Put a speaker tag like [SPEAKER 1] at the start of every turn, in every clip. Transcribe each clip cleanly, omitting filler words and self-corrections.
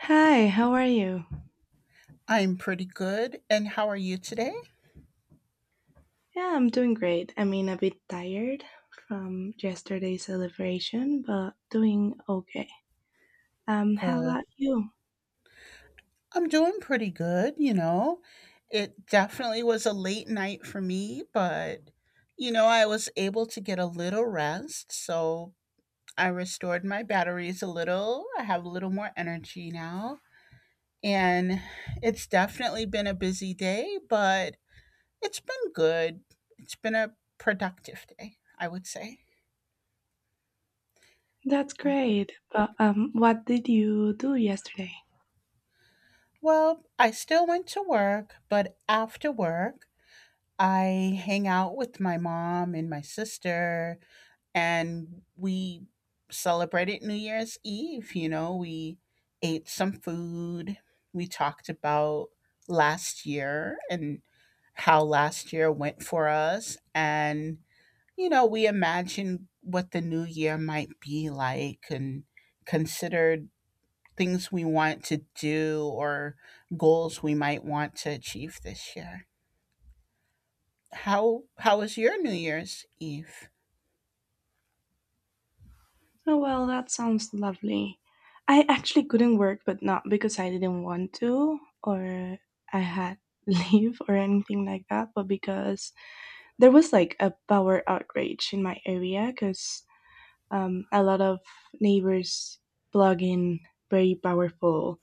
[SPEAKER 1] Hi, how are you?
[SPEAKER 2] I'm pretty good. And how are you today?
[SPEAKER 1] Yeah, I'm doing great. I mean, a bit tired from yesterday's celebration, but doing okay. How
[SPEAKER 2] Good.
[SPEAKER 1] about you?
[SPEAKER 2] I'm doing pretty good, you know. It definitely was a late night for me, but you know, I was able to get a little rest, so I restored my batteries a little. I have a little more energy now, and it's definitely been a busy day, but it's been good. It's been a productive day, I would say.
[SPEAKER 1] That's
[SPEAKER 2] Uh,
[SPEAKER 1] great. But what did you do yesterday?
[SPEAKER 2] well, I still went to work, but after work, I hang out with my mom and my sister, and we celebrated New Year's Eve. You know, we ate some food. We talked about last year and how last year went for us. And, you know, we imagined what the new year might be like and considered things we want to do or goals we might want to achieve this year. How was your New Year's Eve?
[SPEAKER 1] Oh, well, that sounds lovely. I actually couldn't work, but not because I didn't want to or I had leave or anything like that, but because there was like a power outrage in my area because a lot of neighbors plug in very powerful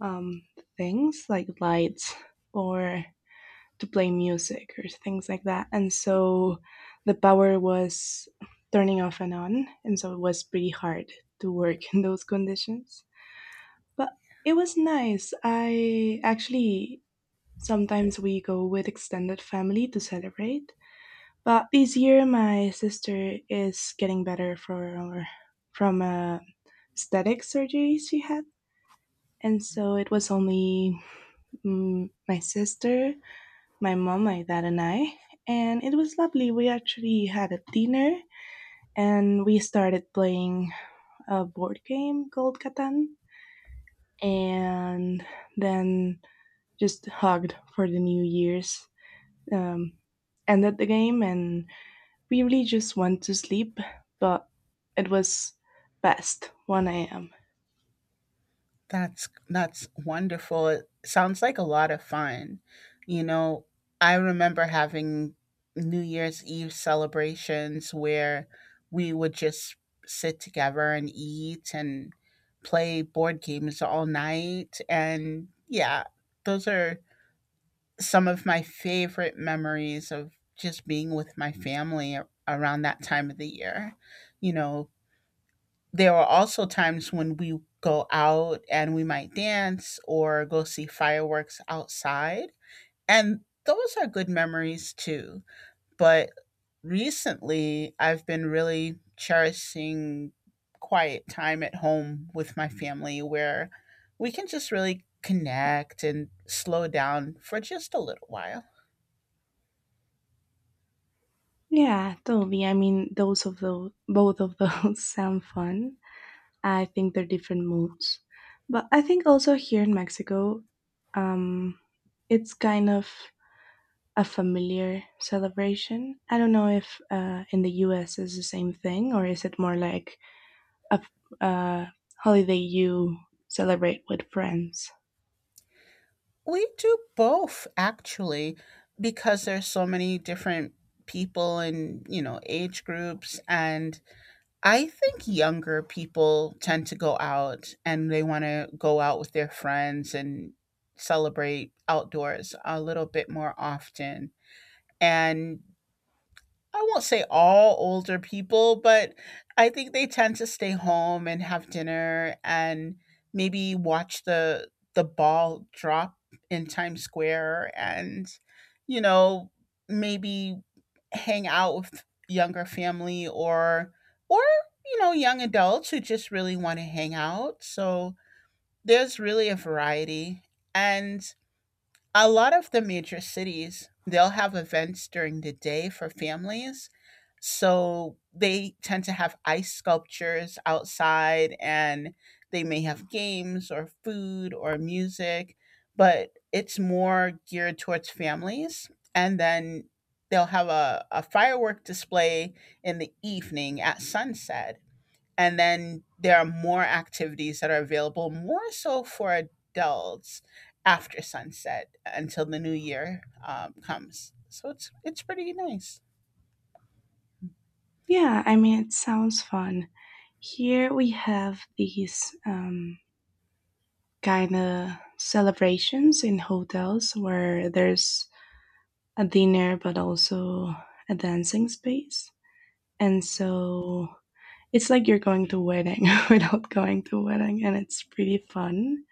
[SPEAKER 1] um, things like lights or to play music or things like that. And so the power was turning off and on. And so it was pretty hard to work in those conditions. But it was nice. I actually sometimes we go with extended family to celebrate. But this year, my sister is getting better for from a static surgery she had, and so it was only my sister, my mom, my dad, and I. And it was lovely. We actually had a dinner, and we started playing a board game called Catan, and then just hugged for the New Year's. Um, Ended the game, and we really just want to sleep, but it was past 1 a.m.
[SPEAKER 2] That's wonderful. It sounds like a lot of fun. You know, I remember having New Year's Eve celebrations where we would just sit together and eat and play board games all night and yeah, those are some of my favorite memories of just being with my family around that time of the year. You know, there are also times when we go out and we might dance or go see fireworks outside. And those are good memories too. But recently, I've been really cherishing quiet time at home with my family where we can just really connect and slow down for just a little while.
[SPEAKER 1] Yeah, totally. I mean, both of those sound fun. I think they're different moods, but I think also here in Mexico, um, it's kind of a familiar celebration. I don't know if in the U.S. is the same thing, or is it more like a uh, holiday you celebrate with friends?
[SPEAKER 2] We do both actually because there's so many different people and, you know, age groups and I think younger people tend to go out and they want to go out with their friends and celebrate outdoors a little bit more often. And I won't say all older people, but I think they tend to stay home and have dinner and maybe watch the ball drop in Times Square and you know, maybe hang out with younger family or you know, young adults who just really want to hang out. So there's really a variety and a lot of the major cities, they'll have events during the day for families. So they tend to have ice sculptures outside and they may have games or food or music, but it's more geared towards families. And then they'll have a firework display in the evening at sunset and then there are more activities that are available more so for adults after sunset until the new year comes, so it's pretty nice.
[SPEAKER 1] Yeah, I mean, it sounds fun. Here we have these kind of celebrations in hotels where there's a dinner but also a dancing space. And so it's like you're going to a wedding without going to a wedding, and it's pretty fun.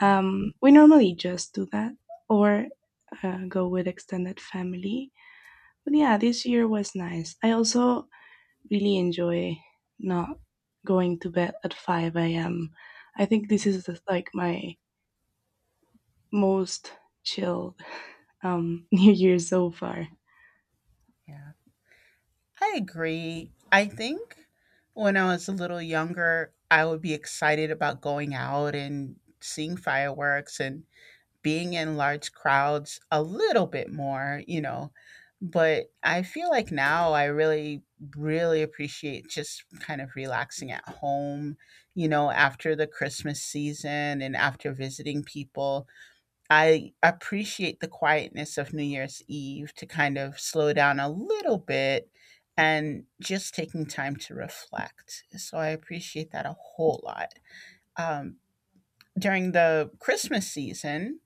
[SPEAKER 1] We normally just do that or go with extended family. But yeah, this year was nice. I also really enjoy not going to bed at 5 a.m. I think this is just, like, my most chilled New Year so far.
[SPEAKER 2] Yeah, I agree. I think when I was a little younger I would be excited about going out and seeing fireworks and being in large crowds a little bit more, you know, but I feel like now I really appreciate just kind of relaxing at home, you know, after the Christmas season and after visiting people. I appreciate the quietness of New Year's Eve to kind of slow down a little bit and just taking time to reflect. So I appreciate that a whole lot. Um, During the Christmas season,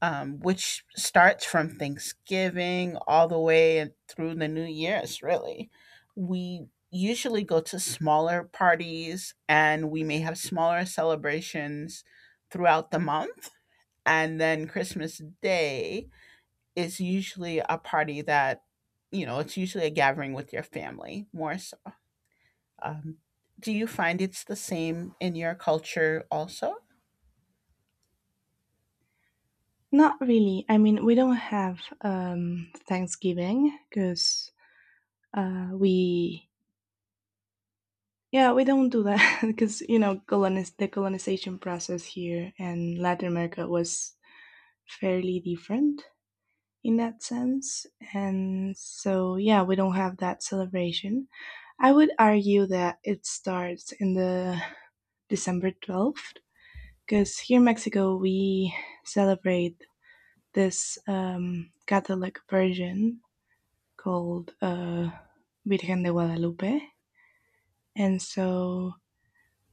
[SPEAKER 2] which starts from Thanksgiving all the way through the New Year's, really. We usually go to smaller parties and we may have smaller celebrations throughout the month. And then Christmas Day is usually a party that, you know, it's usually a gathering with your family more so. Um, do you find it's the same in your culture also?
[SPEAKER 1] Not really. I mean, we don't have Thanksgiving because uh, we, yeah, we don't do that because, the colonization process here in Latin America was fairly different in that sense. And so, yeah, we don't have that celebration. I would argue that it starts in the December 12th, because here in Mexico we celebrate this Catholic Virgin called Virgen de Guadalupe, and so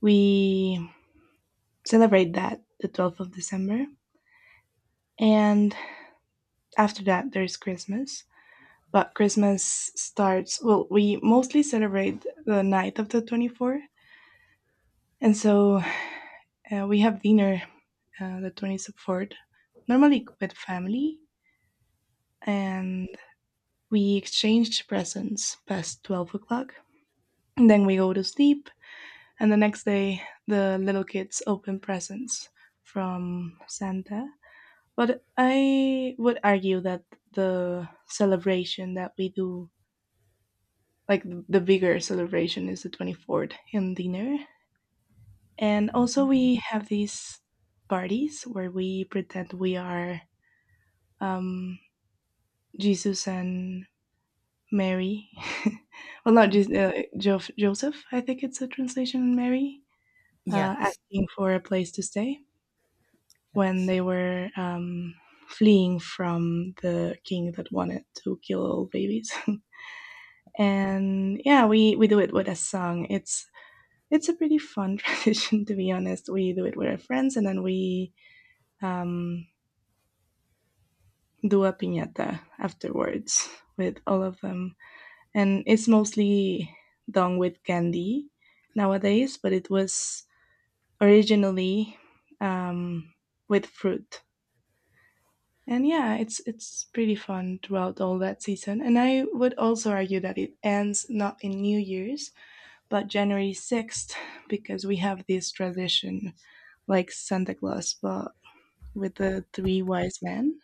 [SPEAKER 1] we celebrate that the 12th of December. And after that, there's Christmas. But Christmas starts, well, we mostly celebrate the night of the 24th. And so we have dinner the 24th, normally with family, and we exchange presents past 12 o'clock. And then we go to sleep, and the next day the little kids open presents from Santa. But I would argue that the celebration that we do, like the bigger celebration, is the 24th in dinner. And also,
[SPEAKER 2] Mhm.
[SPEAKER 1] we have these parties where we pretend we are um, Jesus and Mary. Well, not Jesus, Joseph, I think it's a translation, Mary,
[SPEAKER 2] Yes.
[SPEAKER 1] asking for a place to stay when
[SPEAKER 2] Yes.
[SPEAKER 1] they were fleeing from the king that wanted to kill all babies. And yeah, we do it with a song. It's a pretty fun tradition, to be honest. We do it with our friends, and then we um, do a piñata afterwards with all of them. And it's mostly done with candy nowadays, but it was originally um, with fruit. And yeah, it's pretty fun throughout all that season. And I would also argue that it ends not in New Year's, but January 6th, because we have this tradition like Santa Claus, but with the three wise men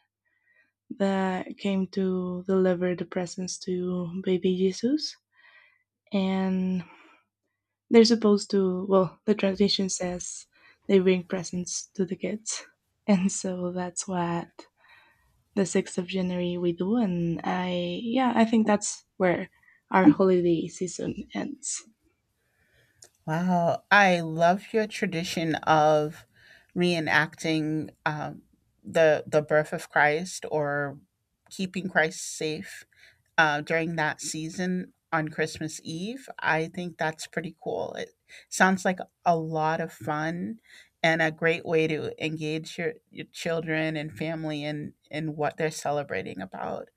[SPEAKER 1] that came to deliver the presents to baby Jesus. And they're supposed to, well, the tradition says they bring presents to the kids. And so that's what the 6th of January we do. And I think that's where our holiday season ends.
[SPEAKER 2] Wow, I love your tradition of reenacting the birth of Christ or keeping Christ safe during that season on Christmas Eve. I think that's pretty cool. It sounds like a lot of fun and a great way to engage your children and family in what they're celebrating about.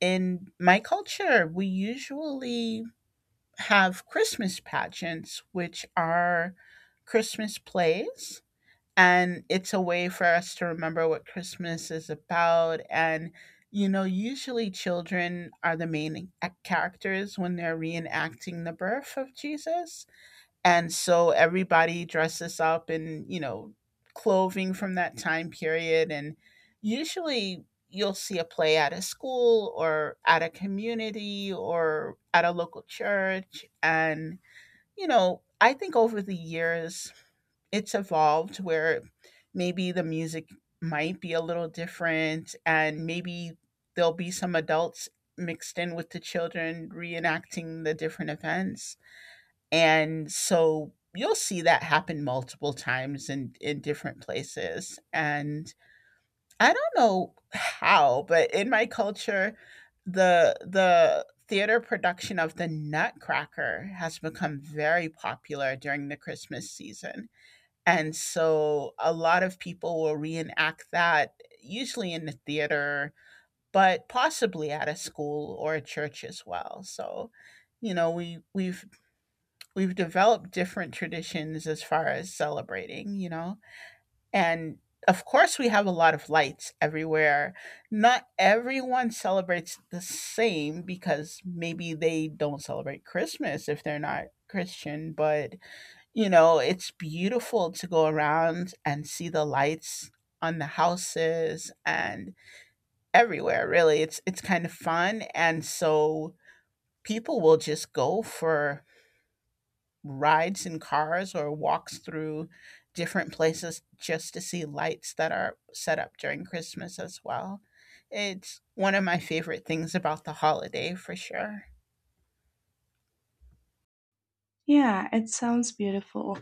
[SPEAKER 2] In my culture, we usually have Christmas pageants, which are Christmas plays. And it's a way for us to remember what Christmas is about. And, you know, usually children are the main characters when they're reenacting the birth of Jesus, and so everybody dresses up in, you know, clothing from that time period, and usually you'll see a play at a school or at a community or at a local church. And you know, I think over the years it's evolved where maybe the music might be a little different and maybe there'll be some adults mixed in with the children reenacting the different events, and so you'll see that happen multiple times in different places. And I don't know how, but in my culture, the theater production of The Nutcracker has become very popular during the Christmas season. And so a lot of people will reenact that usually in the theater, but possibly at a school or a church as well. So, you know, we've we've developed different traditions as far as celebrating, you know? And of course, we have a lot of lights everywhere. Not everyone celebrates the same because maybe they don't celebrate Christmas if they're not Christian, but you know, it's beautiful to go around and see the lights on the houses and everywhere. Really, it's kind of fun, and so people will just go for rides in cars or walks through different places just to see lights that are set up during Christmas as well. It's one of my favorite things about the holiday for sure.
[SPEAKER 1] Yeah, it sounds beautiful.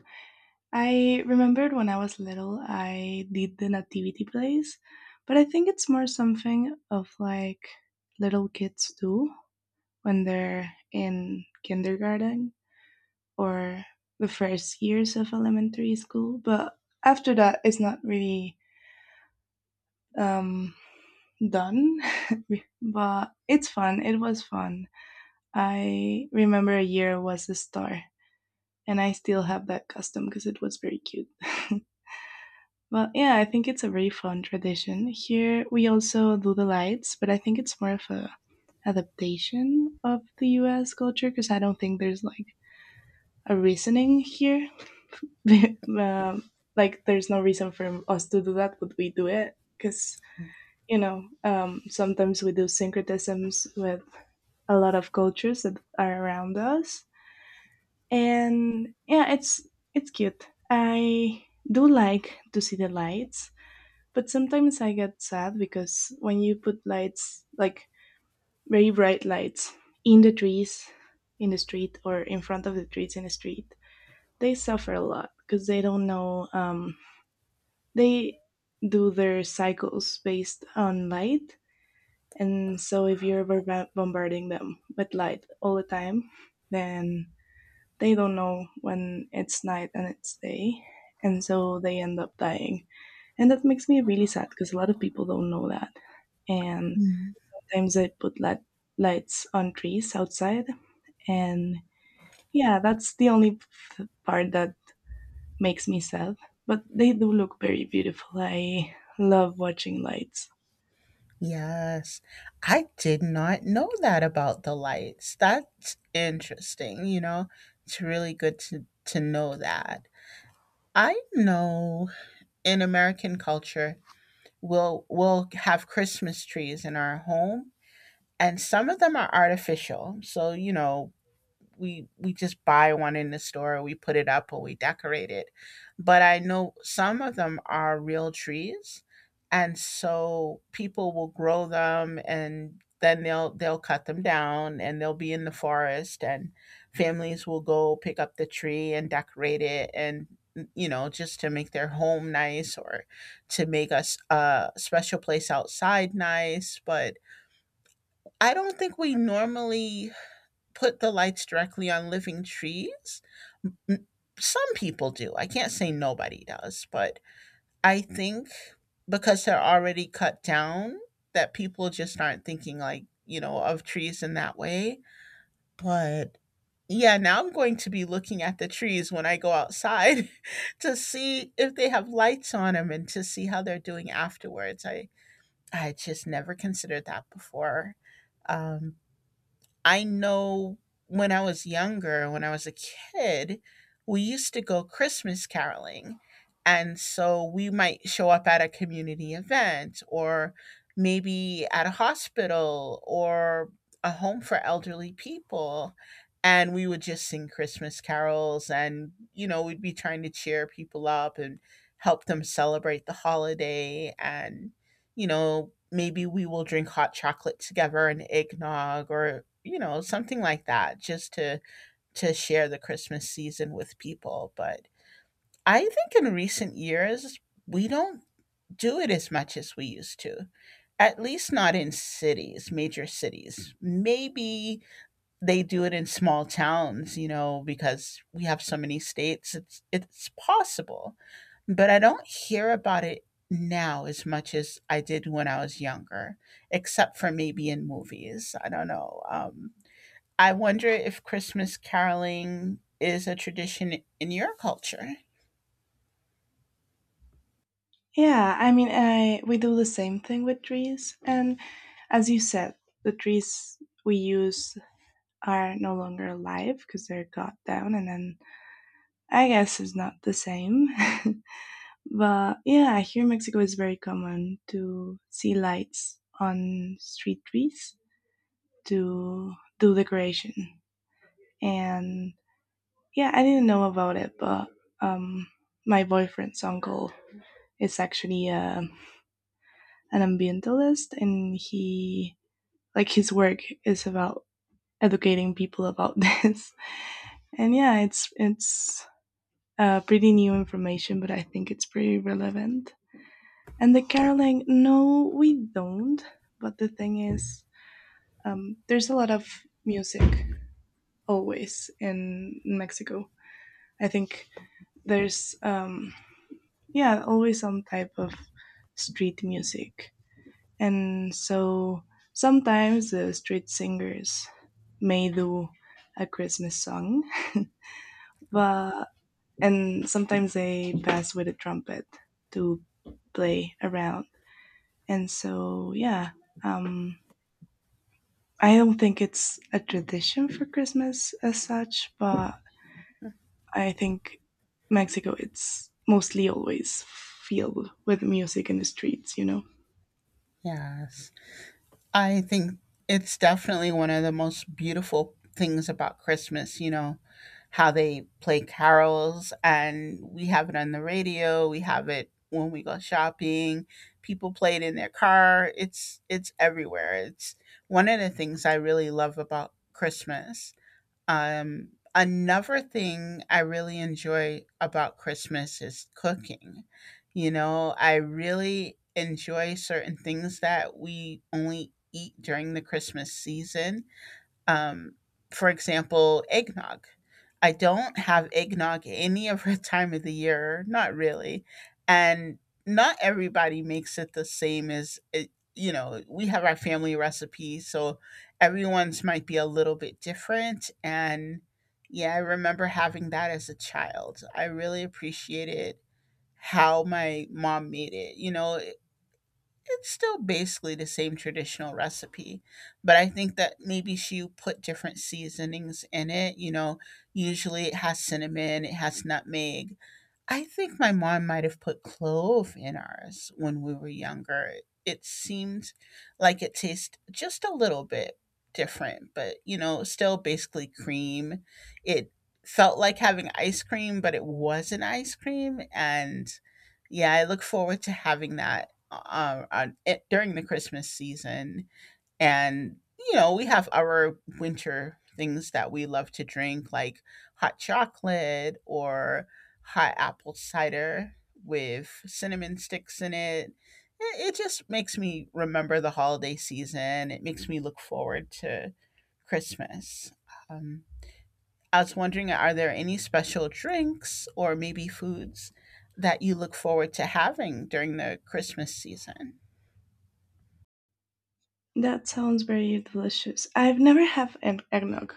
[SPEAKER 1] I remembered when I was little, I did the nativity plays, but I think it's more something of like little kids do when they're in kindergarten or the first years of elementary school. But after that, it's not really um, done. But it's fun. It was fun. I remember a year was a star, and I still have that custom because it was very cute. Well, yeah, I think it's a very fun tradition. Here we also do the lights, but I think it's more of a adaptation of the US culture because I don't think there's like a reasoning here. um, like there's no reason for us to do that, but we do it because sometimes we do syncretisms with a lot of cultures that are around us, and yeah, it's cute. I do like to see the lights, but sometimes I get sad because when you put lights, like very bright lights, in the trees, in the street, or in front of the trees in the street, they suffer a lot because they don't know. They do their cycles based on light. And so if you're bombarding them with light all the time, then they don't know when it's night and it's day. And so they end up dying. And that makes me really sad because a lot of people don't know that. And
[SPEAKER 2] Mm.
[SPEAKER 1] sometimes I put lights on trees outside. And yeah, that's the only part that makes me sad. But they do look very beautiful. I love watching lights.
[SPEAKER 2] Yes, I did not know that about the lights. That's interesting, you know. It's really good to know that. I know in American culture we'll have Christmas trees in our home, and some of them are artificial, so you know we just buy one in the store, we put it up or we decorate it. But I know some of them are real trees, and so people will grow them and then they'll cut them down and they'll be in the forest, and families will go pick up the tree and decorate it and, you know, just to make their home nice or to make us a special place outside nice. But I don't think we normally put the lights directly on living trees. Some people do. I can't say nobody does, but I think because they're already cut down, that people just aren't thinking like, you know, of trees in that way. But yeah, now I'm going to be looking at the trees when I go outside to see if they have lights on them and to see how they're doing afterwards. I just never considered that before. Um, I know when I was younger, when I was a kid, we used to go Christmas caroling. And so we might show up at a community event or maybe at a hospital or a home for elderly people. And we would just sing Christmas carols and, you know, we'd be trying to cheer people up and help them celebrate the holiday. And you know, maybe we will drink hot chocolate together and eggnog or you know, something like that just to share the Christmas season with people. But I think in recent years we don't do it as much as we used to. At least not in cities, major cities. Maybe they do it in small towns, you know, because we have so many states. It's possible, but I don't hear about it now as much as I did when I was younger, except for maybe in movies. I don't know. I wonder if Christmas caroling is a tradition in your culture.
[SPEAKER 1] Yeah, I mean, I we do the same thing with trees, and as you said, the trees we use are no longer alive because they're cut down, and then I guess it's not the same. But yeah, here in Mexico it's very common to see lights on street trees to do decoration. And yeah, I didn't know about it, but um, my boyfriend's uncle is actually an ambientalist, and he like his work is about educating people about this. And yeah, it's pretty new information, but I think it's pretty relevant. And the caroling, no, we don't. But the thing is, there's a lot of music always in Mexico. I think there's, yeah, always some type of street music. And so sometimes the street singers may do a Christmas song, but, and sometimes they pass with a trumpet to play around. And so, yeah, um, I don't think it's a tradition for Christmas as such, but I think Mexico it's mostly always filled with music in the streets, you know.
[SPEAKER 2] Yes. I think it's definitely one of the most beautiful things about Christmas, you know, how they play carols and we have it on the radio, we have it when we go shopping, people play it in their car. It's everywhere. It's one of the things I really love about Christmas. Another thing I really enjoy about Christmas is cooking. You know, I really enjoy certain things that we only eat during the Christmas season. Um, for example, eggnog. I don't have eggnog any other time of the year, not really. And not everybody makes it the same you know, we have our family recipes, so everyone's might be a little bit different. And yeah, I remember having that as a child. I really appreciated how my mom made it. You know, it's still basically the same traditional recipe, but I think that maybe she put different seasonings in it. You know, usually it has cinnamon, it has nutmeg, I think my mom might have put clove in ours when we were younger. It seemed like it tastes just a little bit different, but you know, still basically cream. It felt like having ice cream, but it wasn't ice cream. And yeah, I look forward to having that during the Christmas season. And you know we have our winter things that we love to drink, like hot chocolate or hot apple cider with cinnamon sticks in it. It just makes me remember the holiday season. It makes me look forward to Christmas. um, I was wondering, are there any special drinks or maybe foods that you look forward to having during the Christmas season?
[SPEAKER 1] That sounds very delicious. I've never had an eggnog.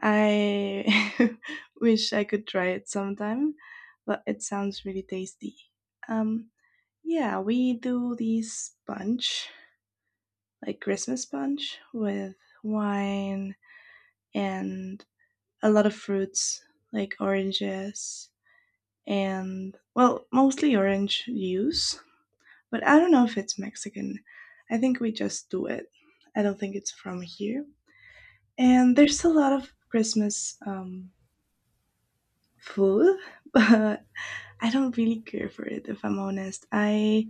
[SPEAKER 1] I wish I could try it sometime, but it sounds really tasty. Um Yeah, we do these bunch, like Christmas bunch, with wine and a lot of fruits like oranges and, well, mostly orange juice. But I don't know if it's Mexican. I think we just do it. I don't think it's from here. And there's a lot of Christmas food, but I don't really care for it if I'm honest. I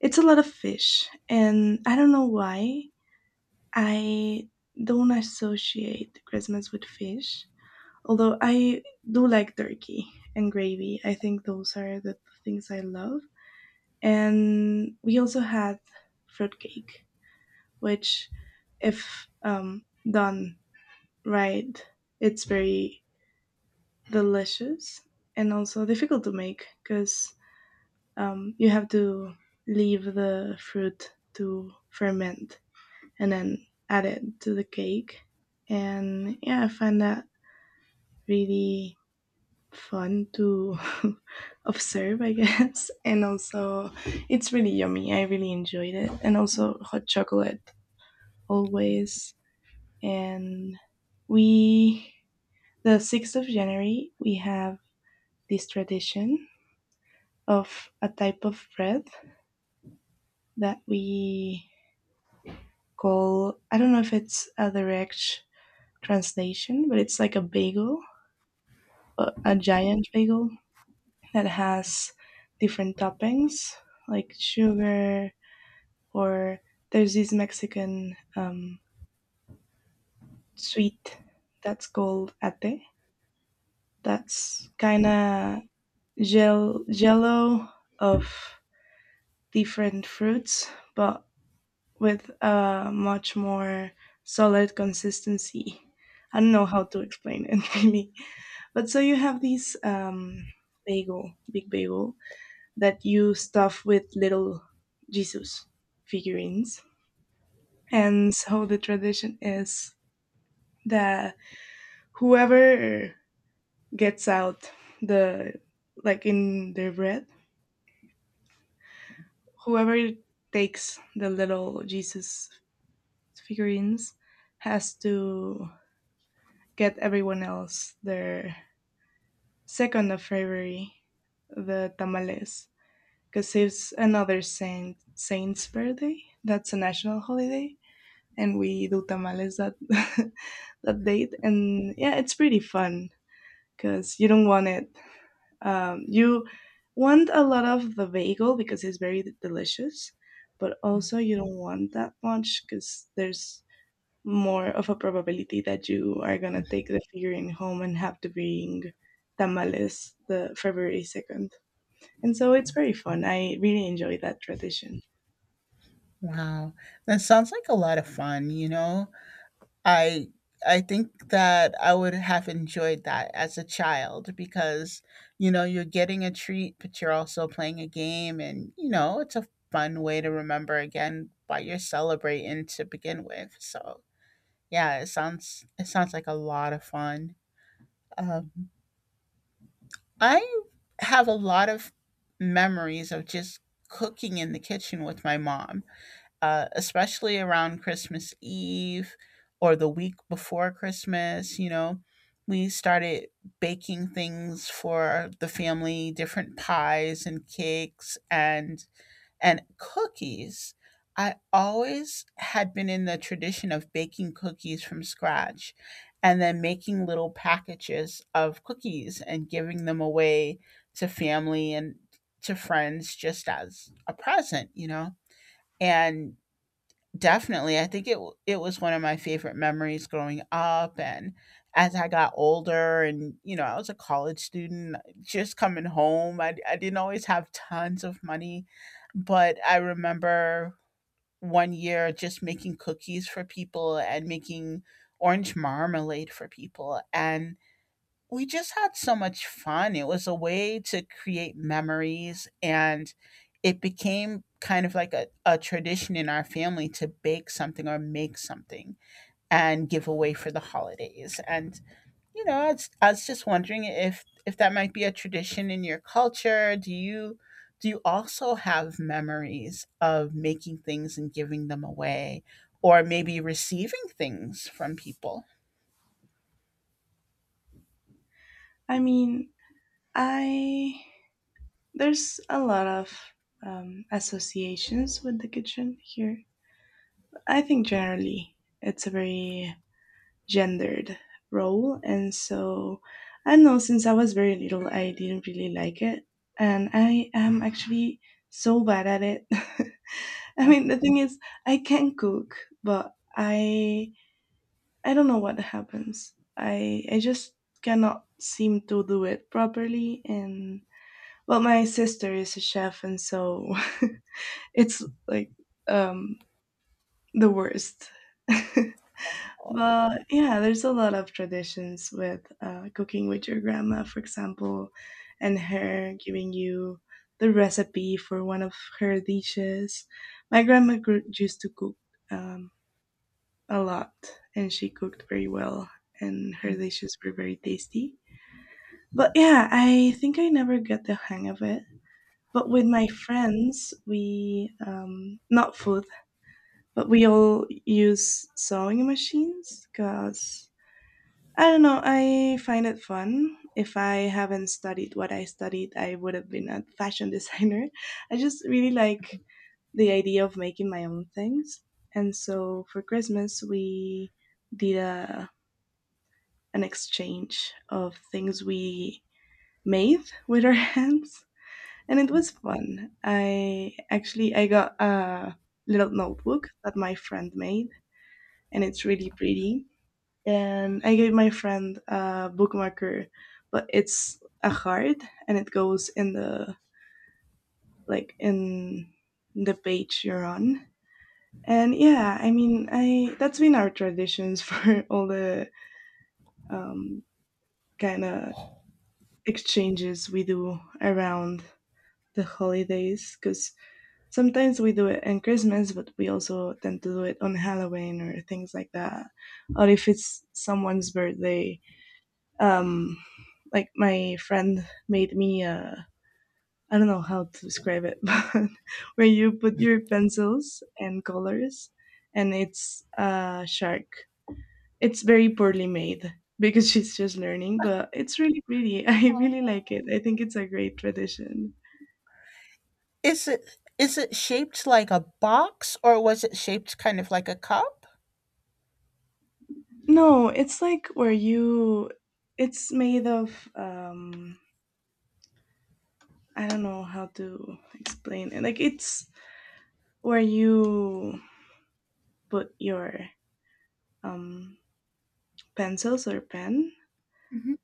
[SPEAKER 1] It's a lot of fish and I don't know why I don't associate Christmas with fish, although I do like turkey and gravy. I think those are the things I love. And we also had fruitcake, which, if done right, it's very delicious and also difficult to make because you have to leave the fruit to ferment and then add it to the cake. And yeah, I find that really fun to observe, I guess. And also, it's really yummy. I really enjoyed it. And also, hot chocolate always. And we, the 6th of January, we have this tradition of a type of bread that we call, I don't know if it's a direct translation, but it's like a bagel. A giant bagel that has different toppings like sugar, or there's this Mexican sweet that's called ate. That's kind of gel jello of different fruits, but with a much more solid consistency. I don't know how to explain it really, but so you have this bagel, big bagel, that you stuff with little Jesus figurines. And so the tradition is that whoever gets out the, like in their bread, whoever takes the little Jesus figurines has to get everyone else their 2nd of February, the tamales, because it's another saint's birthday. That's a national holiday, and we do tamales that that date, and yeah, it's pretty fun because you don't want it, you want a lot of the bagel because it's very delicious, but also you don't want that much because there's more of a probability that you are going to take the figurine home and have to bring tamales the February 2nd. And so it's very fun. I really enjoy that tradition.
[SPEAKER 2] Wow, that sounds like a lot of fun, you know? I I think that I would have enjoyed that as a child because, you know, you're getting a treat, but you're also playing a game and, you know, it's a fun way to remember again why you're celebrating to begin with. So, yeah, it sounds, it sounds like a lot of fun. Um, I have a lot of memories of just cooking in the kitchen with my mom, especially around Christmas Eve or the week before Christmas, you know, we started baking things for the family, different pies and cakes and cookies. I always had been in the tradition of baking cookies from scratch and then making little packages of cookies and giving them away to family and to friends just as a present, you know. And definitely. I think it was one of my favorite memories growing up. And as I got older and you know, I was a college student just coming home. I didn't always have tons of money, but I remember one year just making cookies for people and making orange marmalade for people, and we just had so much fun. It was a way to create memories, and it became kind of like a tradition in our family to bake something or make something and give away for the holidays. And, you know, I was just wondering if, that might be a tradition in your culture. Do you also have memories of making things and giving them away or maybe receiving things from people?
[SPEAKER 1] I mean, I there's a lot of associations with the kitchen here. I think generally it's a very gendered role, and so I don't know. Since I was very little, I didn't really like it, and I am actually so bad at it. I mean, the thing is, I can cook, but I don't know what happens. I just cannot seem to do it properly. And well, my sister is a chef, and so it's like um the worst. But yeah, there's a lot of traditions with cooking with your grandma, for example, and her giving you the recipe for one of her dishes. My grandma used to cook. Um, a lot, and she cooked very well and her dishes were very tasty. But yeah, I think I never got the hang of it. But with my friends, we not food, but we all use sewing machines because I don't know, I find it fun. If I haven't studied what I studied, I would have been a fashion designer. I just really like the idea of making my own things. And so for Christmas, we did a an exchange of things we made with our hands, and it was fun. I actually i got a little notebook that my friend made, and it's really pretty. And I gave my friend a bookmarker, but it's a heart and it goes in the, like in the page you're on. And yeah, I mean I that's been our traditions for all the um, kind of exchanges we do around the holidays, because sometimes we do it on Christmas, but we also tend to do it on Halloween or things like that. Or if it's someone's birthday, um, like, my friend made me a I don't know how to describe it, but where you put your pencils and colors, and it's a shark. It's very poorly made because she's just learning, but it's really pretty. I really like it. I think it's a great tradition.
[SPEAKER 2] Is it, is it shaped like a box, or was it shaped kind of like a cup?
[SPEAKER 1] No, it's like where you it's made of I don't know how to explain it. Like it's where you put your um pencils or pen,
[SPEAKER 2] Mhm.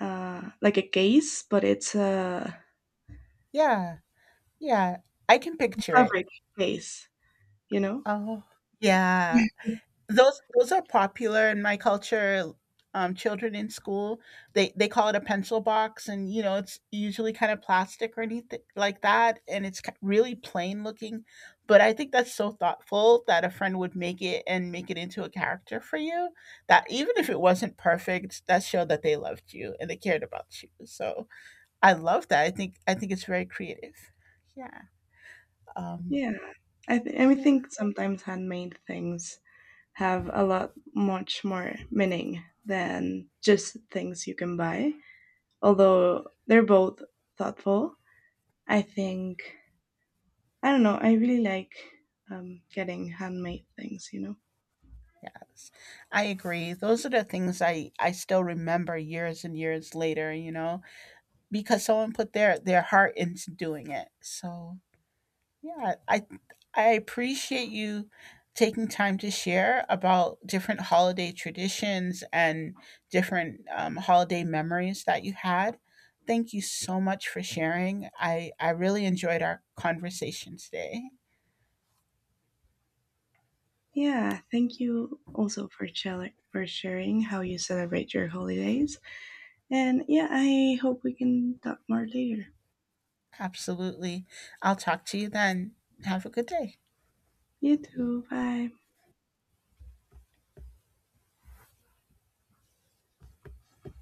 [SPEAKER 1] like a case, but it's a
[SPEAKER 2] Yeah, yeah, I can picture it.
[SPEAKER 1] fabric case, you know?
[SPEAKER 2] Oh, yeah. Those are popular in my culture. Children in school, they call it a pencil box, and you know it's usually kind of plastic or anything like that, and it's really plain looking. But I think that's so thoughtful that a friend would make it and make it into a character for you. That even if it wasn't perfect, that showed that they loved you and they cared about you. So I love that. I think it's very creative. Yeah. Um,
[SPEAKER 1] Yeah. I
[SPEAKER 2] yeah.
[SPEAKER 1] think sometimes handmade things have a lot much more meaning than just things you can buy, although they're both thoughtful, I think. I don't know. I really like getting handmade things. You know.
[SPEAKER 2] Yes, I agree. Those are the things I still remember years and years later, you know, because someone put their heart into doing it. So, yeah, I appreciate you taking time to share about different holiday traditions and different holiday memories that you had. Thank you so much for sharing. I really enjoyed our conversation today.
[SPEAKER 1] Yeah. Thank you also for for sharing how you celebrate your holidays. And yeah, I hope we can talk more later.
[SPEAKER 2] Absolutely. I'll talk to you then. Have a good day.
[SPEAKER 1] You too. Bye.